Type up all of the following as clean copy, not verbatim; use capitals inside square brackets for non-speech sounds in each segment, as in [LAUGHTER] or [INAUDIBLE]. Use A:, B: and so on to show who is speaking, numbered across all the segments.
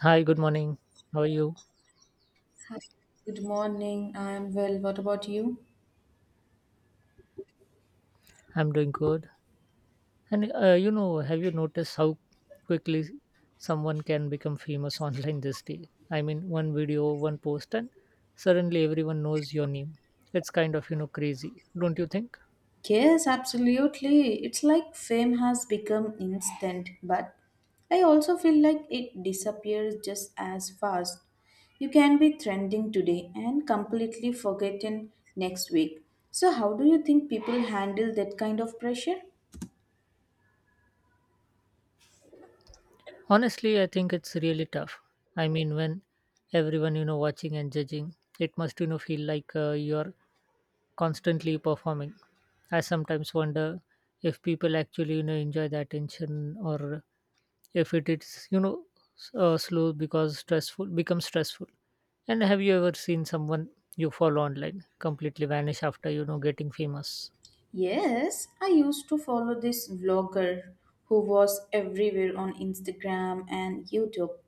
A: Hi, good morning. How are you?
B: Hi. Good morning. I'm well. What about you?
A: I'm doing good. Have you noticed how quickly someone can become famous [LAUGHS] online this day? I mean, one video, one post, and suddenly everyone knows your name. It's kind of, you know, crazy, don't you think?
B: Yes, absolutely. It's like fame has become instant, but I also feel like it disappears just as fast. You can be trending today and completely forgotten next week. So, how do you think people handle that kind of pressure?
A: Honestly, I think it's really tough. I mean, when everyone, you know, watching and judging, it must, you know, feel like you're constantly performing. I sometimes wonder if people actually, you know, enjoy the attention, or if it is, you know, slow because stressful becomes stressful. And have you ever seen someone you follow online completely vanish after, you know, getting famous?
B: Yes, I used to follow this vlogger who was everywhere on Instagram and YouTube,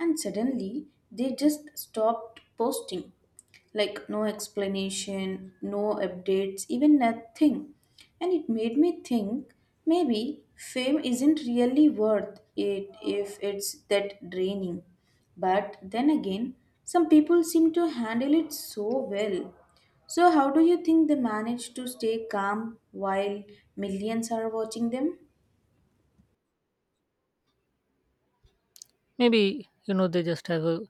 B: and suddenly they just stopped posting, like no explanation, no updates, even nothing. And it made me think maybe fame isn't really worth it if it's that draining. But then again, some people seem to handle it so well. So, how do you think they manage to stay calm while millions are watching them?
A: Maybe, you know, they just have a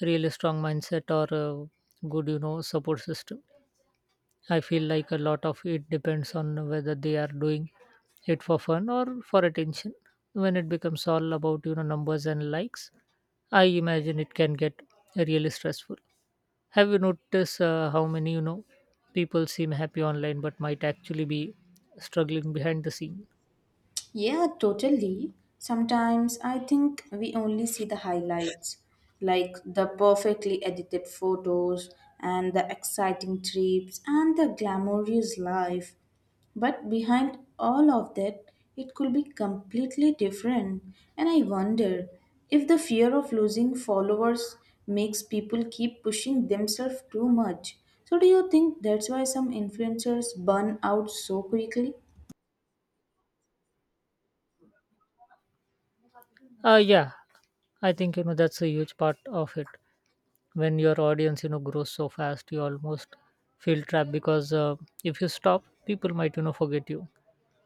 A: really strong mindset or a good, you know, support system. I feel like a lot of it depends on whether they are doing it for fun or for attention. When it becomes all about, you know, numbers and likes, I imagine it can get really stressful. Have you noticed how many, you know, people seem happy online but might actually be struggling behind the scene?
B: Yeah, totally. Sometimes I think we only see the highlights, like the perfectly edited photos and the exciting trips and the glamorous life. But behind all of that, it could be completely different. And I wonder if the fear of losing followers makes people keep pushing themselves too much. So, do you think that's why some influencers burn out so quickly?
A: Yeah, I think, you know, that's a huge part of it. When your audience, you know, grows so fast, you almost feel trapped because if you stop, people might, you know, forget you.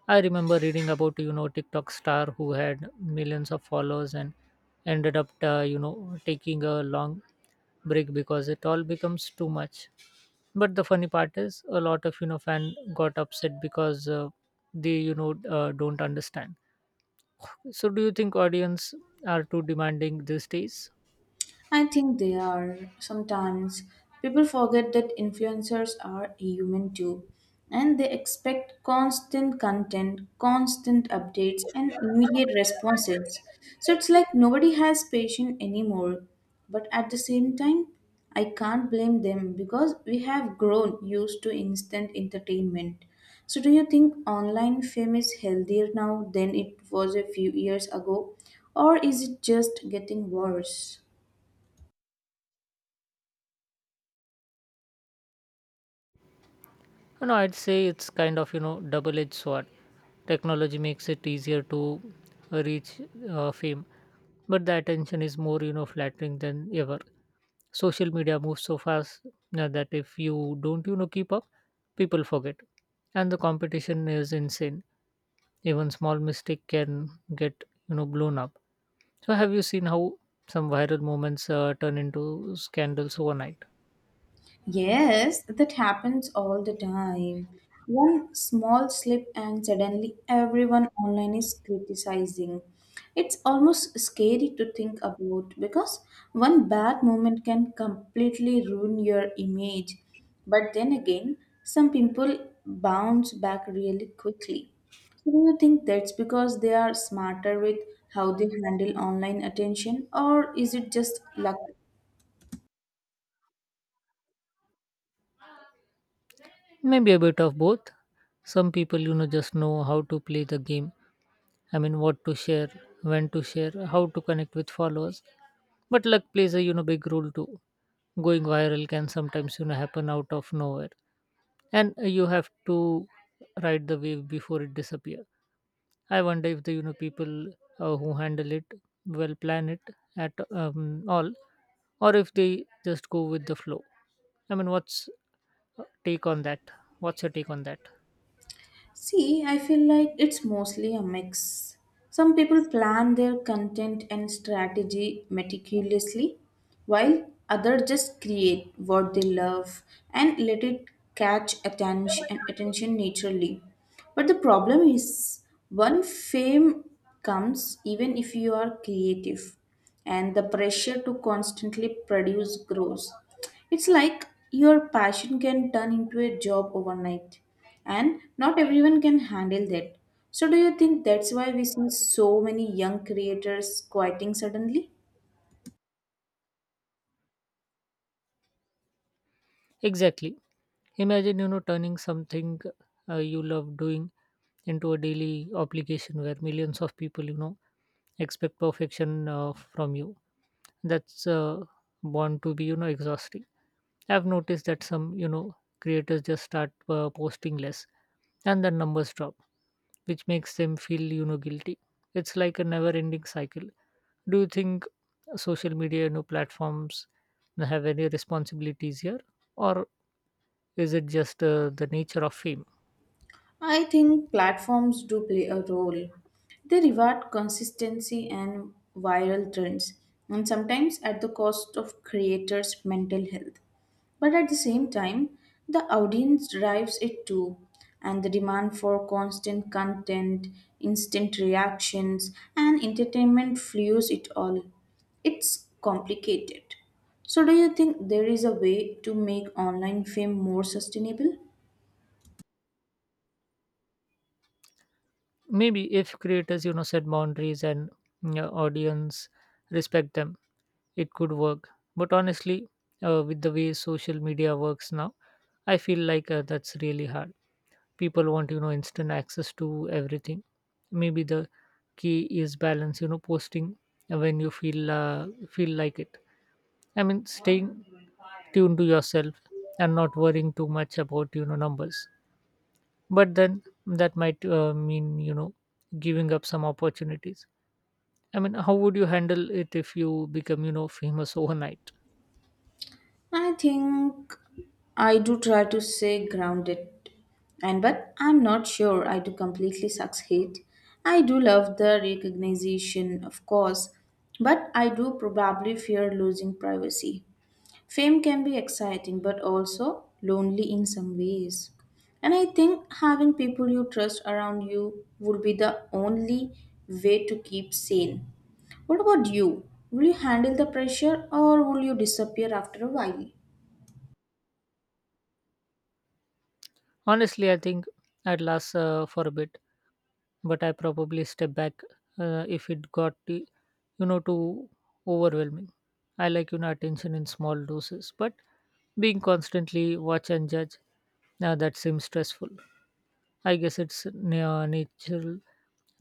A: I remember reading about, you know, TikTok star who had millions of followers and ended up, you know, taking a long break because it all becomes too much. But the funny part is, a lot of, you know, fan got upset because they, you know, don't understand. So do you think audience are too demanding these days?
B: I think they are. Sometimes people forget that influencers are human too, and they expect constant content, constant updates, and immediate responses. So it's like nobody has patience anymore. But at the same time, I can't blame them because we have grown used to instant entertainment. So, do you think online fame is healthier now than it was a few years ago, or is it just getting worse?
A: No, I'd say it's kind of, you know, double-edged sword. Technology makes it easier to reach fame, but the attention is more, you know, flattering than ever. Social media moves so fast, that if you don't, you know, keep up, people forget, and the competition is insane. Even small mistake can get, you know, blown up. So have you seen how some viral moments turn into scandals overnight?
B: Yes, that happens all the time. One small slip, and suddenly everyone online is criticizing. It's almost scary to think about because one bad moment can completely ruin your image. But then again, some people bounce back really quickly. So do you think that's because they are smarter with how they handle online attention, or is it just luck?
A: Maybe a bit of both. Some people, you know, just know how to play the game. I mean, what to share, when to share, how to connect with followers. But luck plays a, you know, big role too. Going viral can sometimes, you know, happen out of nowhere, and you have to ride the wave before it disappears. I wonder if the, you know, people who handle it will plan it at all, or if they just go with the flow. I mean, what's uh, take on that? What's your take on that?
B: See, I feel like it's mostly a mix. Some people plan their content and strategy meticulously, while others just create what they love and let it catch attention naturally. But the problem is one fame comes even if you are creative and the pressure to constantly produce grows. It's like your passion can turn into a job overnight, and not everyone can handle that. So, do you think that's why we see so many young creators quitting suddenly?
A: Exactly. Imagine, you know, turning something you love doing into a daily obligation where millions of people, you know, expect perfection from you. That's born to be, you know, exhausting. I've noticed that some, you know, creators just start posting less, and the numbers drop, which makes them feel, you know, guilty. It's like a never ending cycle. Do you think social media, you know, platforms have any responsibilities here, or is it just the nature of fame?
B: I think platforms do play a role. They reward consistency and viral trends, and sometimes at the cost of creators' mental health. But at the same time, the audience drives it too, and the demand for constant content, instant reactions, and entertainment fuels it all. It's complicated. So, do you think there is a way to make online fame more sustainable?
A: Maybe if creators, you know, set boundaries and, you know, audience respect them, it could work. But honestly, with the way social media works now, I feel like that's really hard. People want, you know, instant access to everything. Maybe the key is balance, you know, posting when you feel like it. I mean, staying tuned to yourself and not worrying too much about, you know, numbers. But then that might, mean, you know, giving up some opportunities. I mean, how would you handle it if you become, you know, famous [LAUGHS] overnight?
B: I think I do try to stay grounded, and but I'm not sure I do completely succeed. I do love the recognition, of course, but I do probably fear losing privacy. Fame can be exciting, but also lonely in some ways. And I think having people you trust around you would be the only way to keep sane. What about you? Will you handle the pressure or will you disappear after a while?
A: Honestly, I think I'd last for a bit, but I probably step back if it you know, too overwhelming. I like, you know, attention in small doses, but being constantly watch and judge, now that seems stressful. I guess it's natural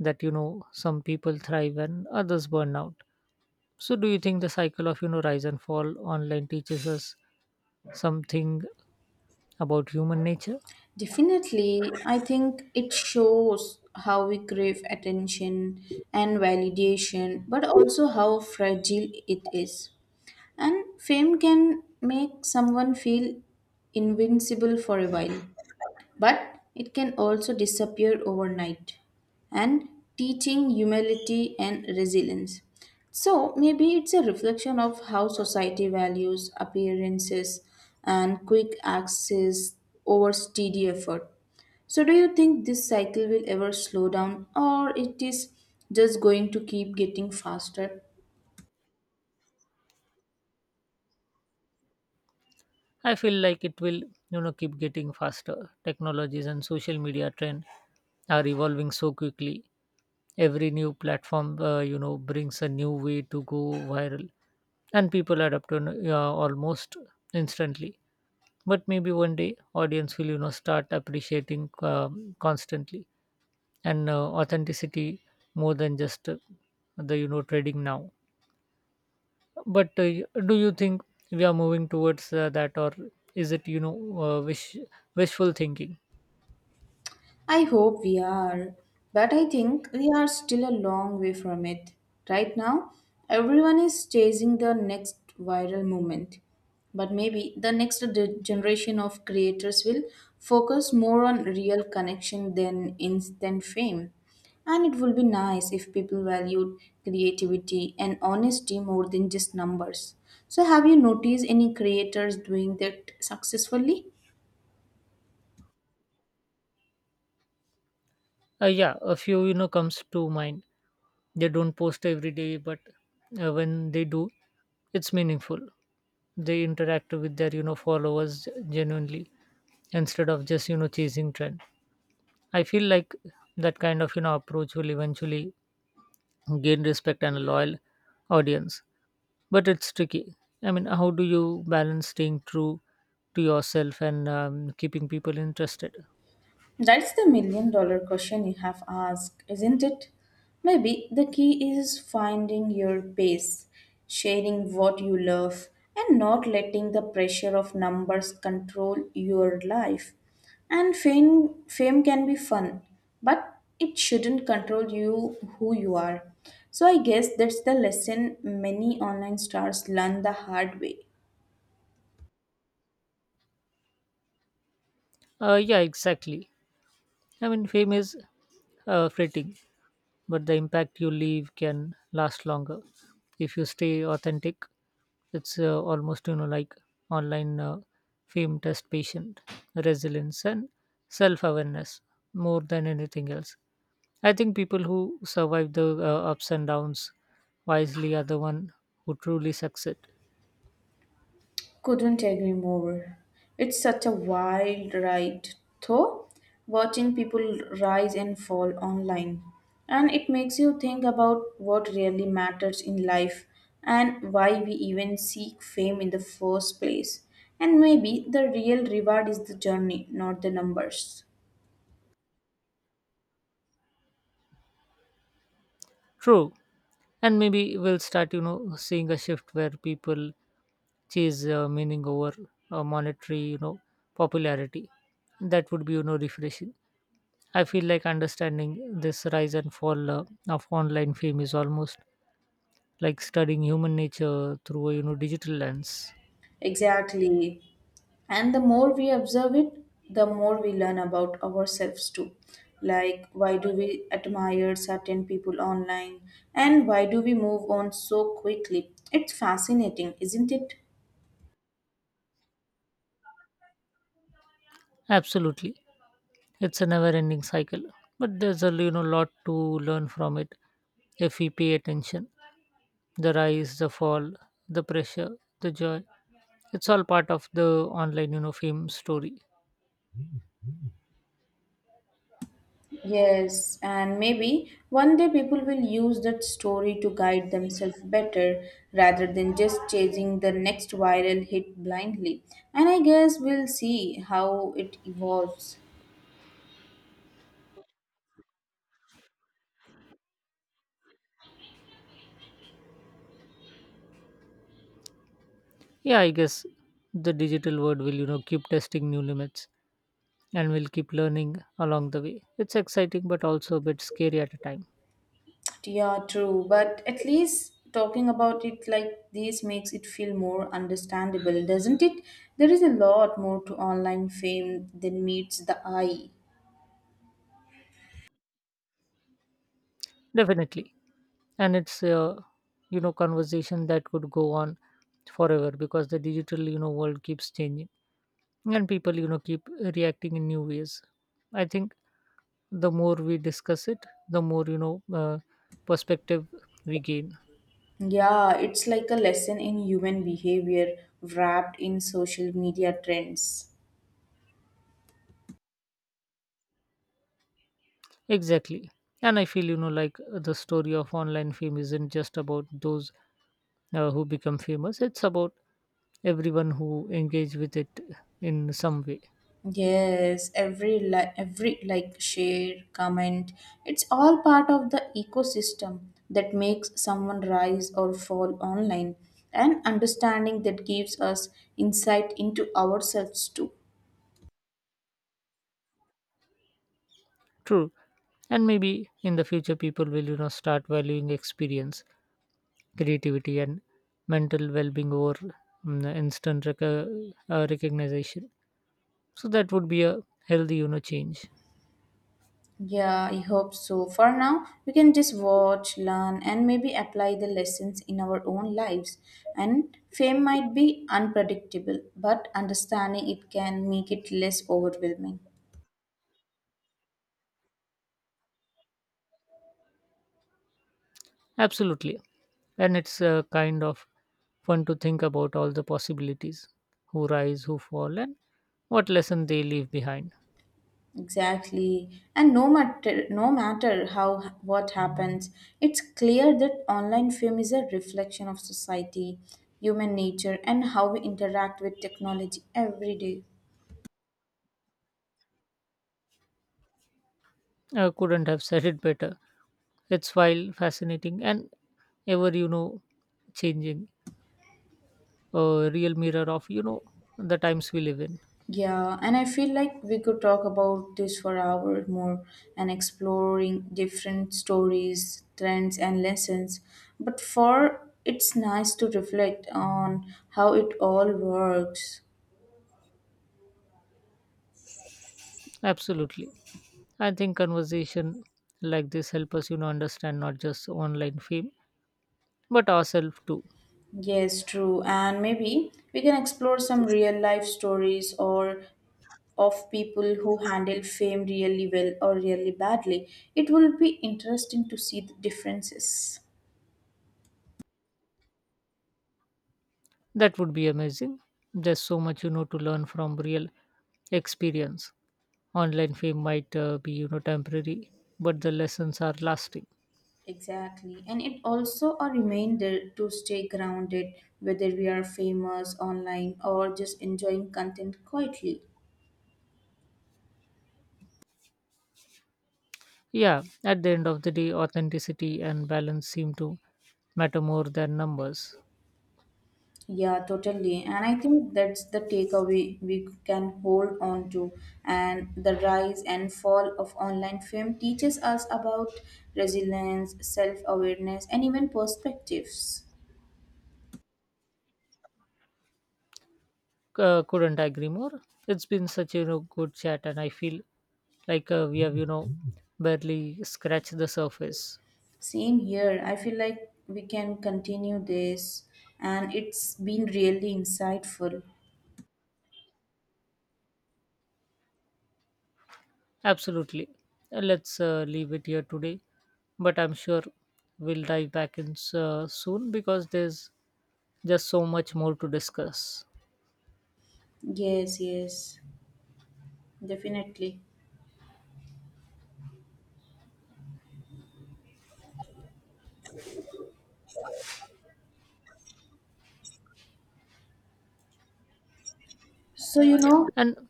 A: that, you know, some people thrive and others burn out. So, do you think the cycle of, you know, rise and fall online teaches us something about human nature?
B: Definitely, I think it shows how we crave attention and validation, but also how fragile it is. And fame can make someone feel invincible for a while, but it can also disappear overnight. And teaching humility and resilience. So maybe it's a reflection of how society values appearances and quick access over steady effort. So, do you think this cycle will ever slow down, or it is just going to keep getting faster?
A: I feel like it will, you know, keep getting faster. Technologies and social media trend are evolving so quickly. Every new platform, you know, brings a new way to go viral, and people adapt to almost instantly. But maybe one day, audience will, you know, start appreciating constantly and authenticity more than just, the, you know, trading now. But do you think we are moving towards that, or is it, you know, wishful thinking?
B: I hope we are, but I think we are still a long way from it. Right now, everyone is chasing the next viral moment. But maybe the next generation of creators will focus more on real connection than instant fame. And it will be nice if people valued creativity and honesty more than just numbers. So, have you noticed any creators doing that successfully?
A: Yeah, a few, you know, comes to mind. They don't post every day, but when they do, it's meaningful. They interact with their, you know, followers genuinely instead of just, you know, chasing trend. I feel like that kind of, you know, approach will eventually gain respect and a loyal audience. But it's tricky. I mean, how do you balance staying true to yourself and keeping people interested?
B: That's the million dollar question you have asked, isn't it? Maybe the key is finding your pace, sharing what you love, and not letting the pressure of numbers control your life. And fame can be fun, but it shouldn't control you who you are. So I guess that's the lesson many online stars learn the hard way.
A: Yeah, exactly. I mean, fame is fleeting, but the impact you leave can last longer. If you stay authentic, it's almost, you know, like online, fame test patient, resilience, and self awareness more than anything else. I think people who survive the ups and downs wisely are the one who truly succeed.
B: Couldn't agree more. It's such a wild ride, though, watching people rise and fall online. And it makes you think about what really matters in life and why we even seek fame in the first place. And maybe the real reward is the journey, not the numbers.
A: True. And maybe we'll start, you know, seeing a shift where people chase, meaning over, monetary, you know, popularity. That would be, you know, refreshing. I feel like understanding this rise and fall of online fame is almost like studying human nature through a, you know, digital lens.
B: Exactly. And the more we observe it, the more we learn about ourselves too. Like, why do we admire certain people online, and why do we move on so quickly? It's fascinating, isn't it?
A: Absolutely. It's a never-ending cycle. But there's a, you know, lot to learn from it if we pay attention. The rise, the fall, the pressure, the joy, it's all part of the online, you know, fame story.
B: Yes, and maybe one day people will use that story to guide themselves better rather than just chasing the next viral hit blindly. And I guess we'll see how it evolves.
A: Yeah, I guess the digital world will, you know, keep testing new limits, and will keep learning along the way. It's exciting but also a bit scary at a time.
B: Yeah, true. But at least talking about it like this makes it feel more understandable, doesn't it? There is a lot more to online fame than meets the eye.
A: Definitely. And it's a, you know, conversation that could go on forever, because the digital, you know, world keeps changing and people, you know, keep reacting in new ways. I think the more we discuss it, the more, you know, perspective we gain.
B: Yeah, it's like a lesson in human behavior wrapped in social media trends.
A: Exactly. And I feel, you know, like the story of online fame isn't just about those who become famous, it's about everyone who engage with it in some way.
B: Yes, every like, share, comment, it's all part of the ecosystem that makes someone rise or fall online, and understanding that gives us insight into ourselves too.
A: True. And maybe in the future, people will, you know, start valuing experience, creativity, and mental well being over, mm, instant rec- uh, recognition. So that would be a healthy, you know, change.
B: Yeah, I hope so. For now, we can just watch, learn and maybe apply the lessons in our own lives. And fame might be unpredictable, but understanding it can make it less overwhelming.
A: Absolutely. And it's kind of fun to think about all the possibilities, who rise, who fall, and what lesson they leave behind.
B: Exactly. And no matter how what happens, it's clear that online fame is a reflection of society, human nature and how we interact with technology every day.
A: I couldn't have said it better. It's wild, fascinating, and ever, you know, changing. A real mirror of, you know, the times we live in.
B: Yeah, and I feel like we could talk about this for hours more and exploring different stories, trends and lessons. But for it's nice to reflect on how it all works.
A: Absolutely. I think conversation like this help us, you know, understand not just online fame, but ourselves too.
B: Yes, true. And maybe we can explore some real life stories or of people who handle fame really well or really badly. It will be interesting to see the differences.
A: That would be amazing. There's so much, you know, to learn from real experience. Online fame might, be, you know, temporary, but the lessons are lasting.
B: Exactly. And it also a reminder to stay grounded, whether we are famous online or just enjoying content quietly.
A: Yeah, at the end of the day, authenticity and balance seem to matter more than numbers.
B: Yeah, totally. And I think that's the takeaway we can hold on to. And the rise and fall of online fame teaches us about resilience, self awareness, and even perspectives.
A: Couldn't agree more. It's been such a, you know, good chat, and I feel like we have, you know, barely scratched the surface.
B: Same here. I feel like we can continue this, and it's been really insightful.
A: Absolutely. Let's leave it here today, but I'm sure we'll dive back in soon, because there's just so much more to discuss.
B: Yes, yes, definitely. So, you know,
A: And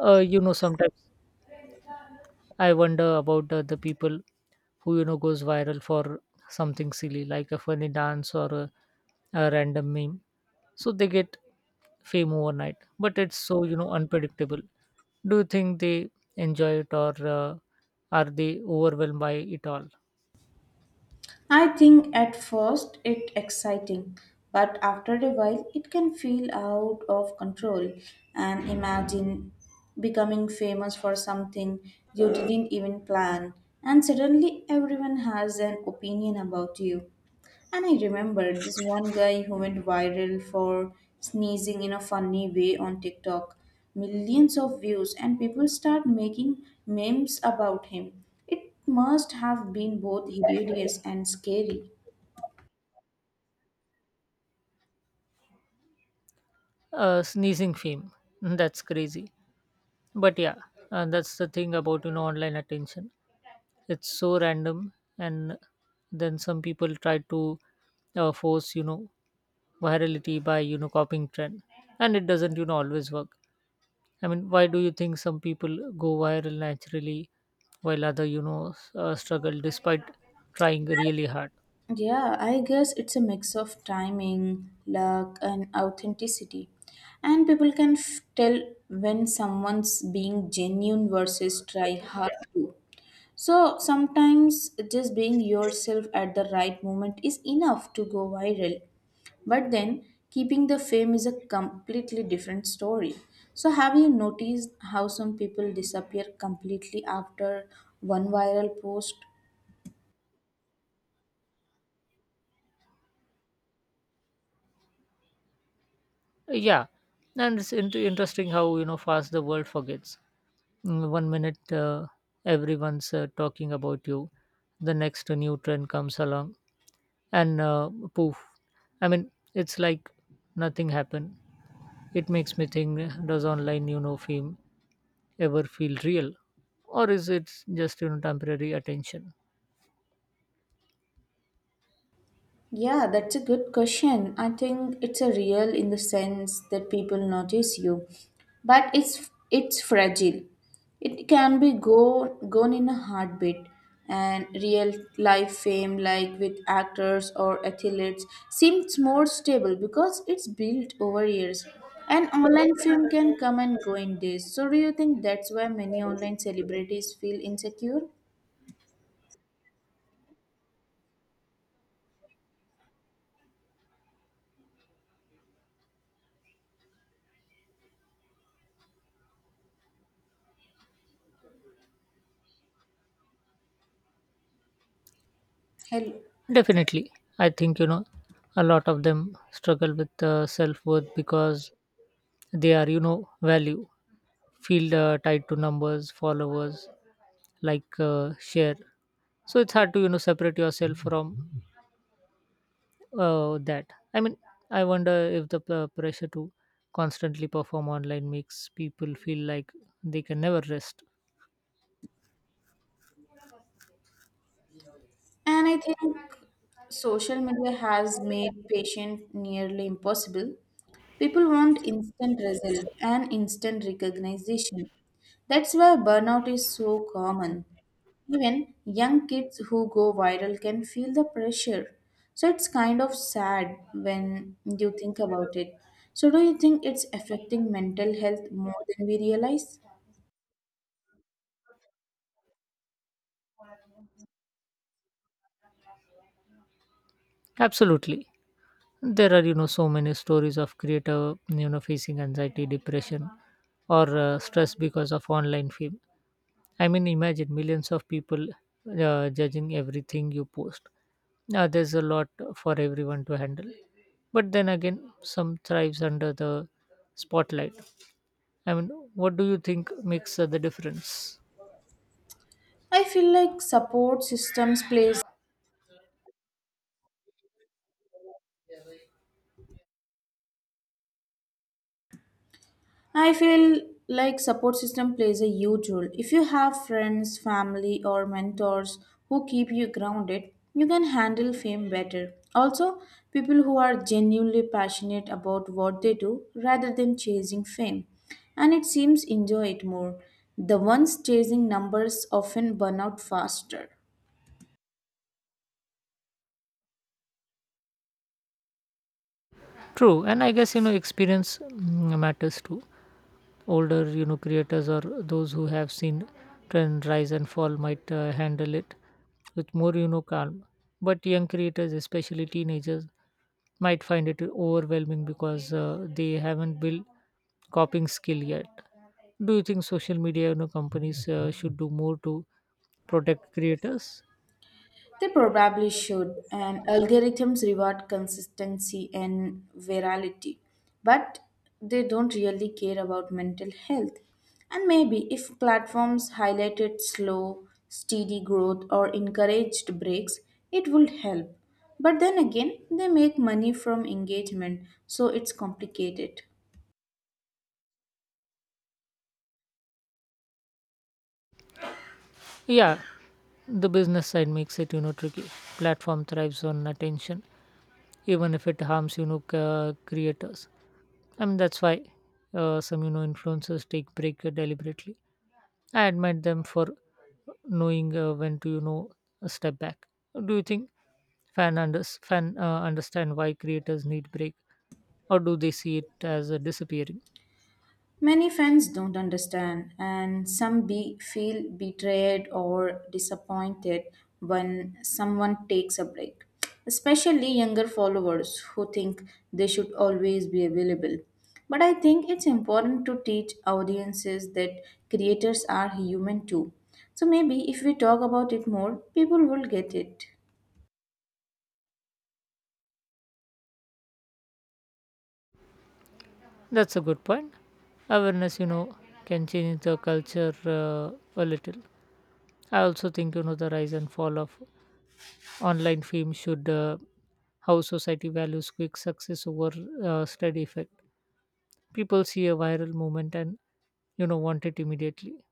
A: you know, sometimes I wonder about the people who, you know, goes viral for something silly like a funny dance or a random meme. So they get fame overnight, but it's so, you know, unpredictable. Do you think they enjoy it, or are they overwhelmed by it all?
B: I think at first it exciting, but after a while it can feel out of control and imagine becoming famous for something you didn't even plan and suddenly everyone has an opinion about you. And I remember this one guy who went viral for sneezing in a funny way on TikTok. Millions of views, and people start making memes about him. It must have been both hilarious and scary.
A: Sneezing fame. [LAUGHS] That's crazy. But yeah, that's the thing about, you know, online attention. It's so random, and then some people try to force, you know, virality by, you know, copying trend, and it doesn't, you know, always work. I mean, why do you think some people go viral naturally while other, you know, struggle despite trying really hard?
B: Yeah, I guess it's a mix of timing, luck, and authenticity. And people can tell when someone's being genuine versus try hard to. So sometimes just being yourself at the right moment is enough to go viral. But then keeping the fame is a completely different story. So have you noticed how some people disappear completely after one viral post?
A: Yeah, and it's interesting how, you know, fast the world forgets. Mm, one minute everyone's talking about you, the next new trend comes along, and poof. I mean, it's like nothing happened. It makes me think, does online, you know, fame ever feel real, or is it just, you know, temporary attention?
B: Yeah, that's a good question. I think it's a real in the sense that people notice you, but it's fragile. It can be go gone in a heartbeat. And real life fame, like with actors or athletes, seems more stable because it's built over years. And online fame can come and go in days. So, do you think that's why many online celebrities feel insecure? Hello.
A: Definitely. I think, you know, a lot of them struggle with self-worth, because they are, you know, value feel tied to numbers followers, like share. So it's hard to, you know, separate yourself from that. I mean, I wonder if the pressure to constantly perform online makes people feel like they can never rest.
B: And I think social media has made patience nearly impossible. People want instant result and instant recognition. That's why burnout is so common. Even young kids who go viral can feel the pressure. So it's kind of sad when you think about it. So, do you think it's affecting mental health more than we realize?
A: Absolutely. There are, you know, so many stories of creator, you know, facing anxiety depression or, stress because of online fame. I mean, imagine millions of people judging everything you post. Yeah, there's a lot for everyone to handle. But then again, some thrives under the spotlight. I mean, what do you think makes the difference?
B: I feel like support systems plays I feel like support system plays a huge role. If you have friends, family or mentors who keep you grounded, you can handle fame better. Also, people who are genuinely passionate about what they do rather than chasing fame and it seems enjoy it more. The ones chasing numbers often burn out faster.
A: True, and I guess, you know, experience, matters too. Older, you know, creators or those who have seen trend rise and fall might handle it with more, you know, calm. But young creators, especially teenagers, might find it overwhelming because they haven't built coping skill yet. Do you think social media, you know, companies should do more to protect creators?
B: They probably should, and algorithms reward consistency and virality, but they don't really care about mental health. And maybe if platforms highlighted slow, steady growth or encouraged breaks, it would help. But then again, they make money from engagement, so it's complicated.
A: Yeah, the business side makes it, you know, tricky. Platform thrives on attention, even if it harms, you know, creators. I mean that's why some, you know, influencers take break deliberately. I admire them for knowing when to, you know, step back. Do you think fan understand why creators need break, or do they see it as disappearing?
B: Many fans don't understand, and feel betrayed or disappointed when someone takes a break, especially younger followers who think they should always be available. But I think it's important to teach audiences that creators are human too. So maybe if we talk about it more, people will get it.
A: That's a good point. Awareness, you know, can change the culture a little. I also think, you know, the rise and fall of online fame should, how society values quick success over, steady effect. People see a viral movement and, you know, want it immediately.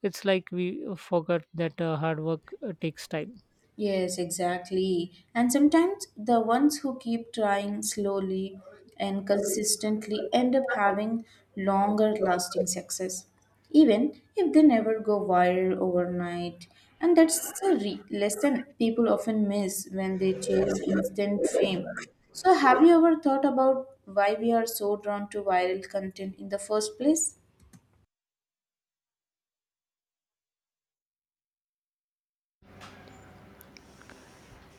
A: It's like we forgot that hard work takes time.
B: Yes, exactly. And sometimes the ones who keep trying slowly and consistently end up having longer lasting success, even if they never go viral overnight. And that's a lesson people often miss when they chase instant fame. So, have you ever thought about why we are so drawn to viral content in the first place?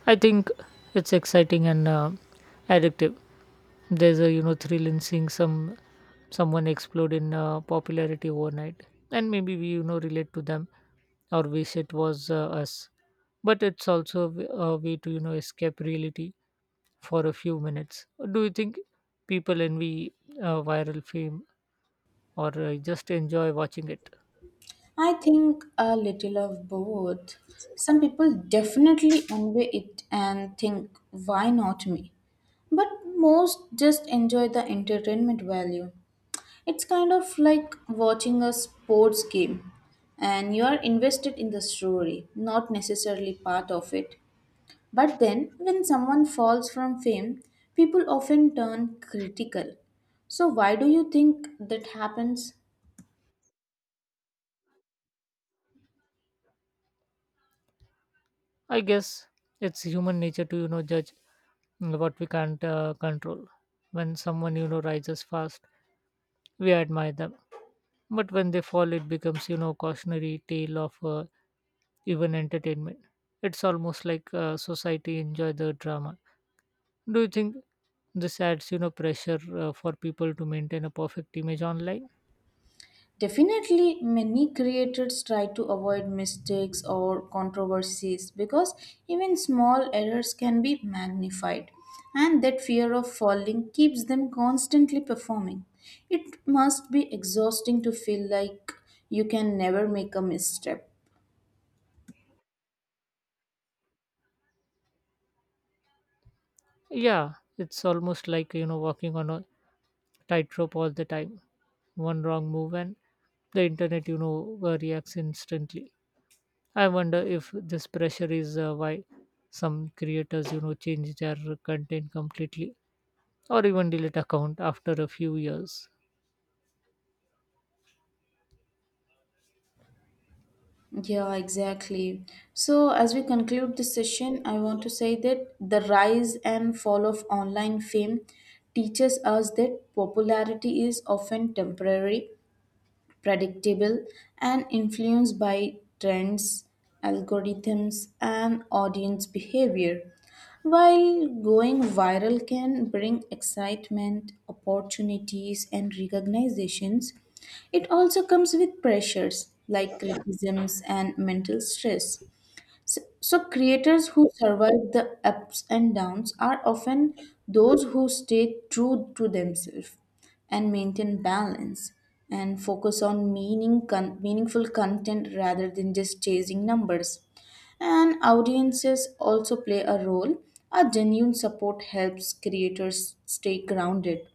A: I think it's exciting and addictive. There's a, you know, thrill in seeing someone explode in popularity overnight, and maybe we, you know, relate to them or wish it was us. But it's also a a way to, you know, escape reality for a few minutes. Do you think people envy, viral fame, or just enjoy watching it?
B: I think a little of both. Some people definitely envy it and think, why not me? But most just enjoy the entertainment value. It's kind of like watching a sports game, and you are invested in the story, not necessarily part of it. But then, when someone falls from fame, people often turn critical. So, why do you think that happens?
A: I guess it's human nature to, you know, judge, what we can't control. When someone, you know, rises fast, we admire them. But when they fall, it becomes, you know, cautionary tale of, even entertainment. It's almost like, society enjoy the drama. Do you think this adds, you know, pressure for people to maintain a perfect image online?
B: Definitely, many creators try to avoid mistakes or controversies because even small errors can be magnified, and that fear of falling keeps them constantly performing. It must be exhausting to feel like you can never make a misstep.
A: Yeah, it's almost like, you know, walking on a tightrope all the time. One wrong move and the internet, you know, reacts instantly. I wonder if this pressure is why some creators, you know, change their content completely or even delete account after a few years.
B: Yeah, exactly. So, as we conclude this session, I want to say that the rise and fall of online fame teaches us that popularity is often temporary predictable, and influenced by trends, algorithms, and audience behavior. While going viral can bring excitement, opportunities, and recognitions, it also comes with pressures like criticisms and mental stress. So creators who survive the ups and downs are often those who stay true to themselves and maintain balance and focus on meaningful content rather than just chasing numbers. And audiences also play a role. A genuine support helps creators stay grounded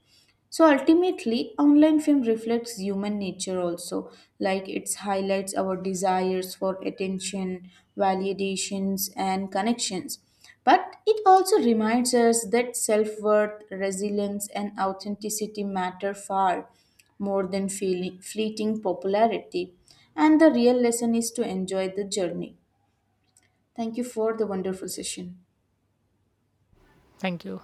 B: so ultimately, online fame reflects human nature also, like it highlights our desires for attention, validations, and connections. But it also reminds us that self worth, resilience, and authenticity matter far more than feeling, fleeting popularity. And the real lesson is to enjoy the journey. Thank you for the wonderful session.
A: Thank you.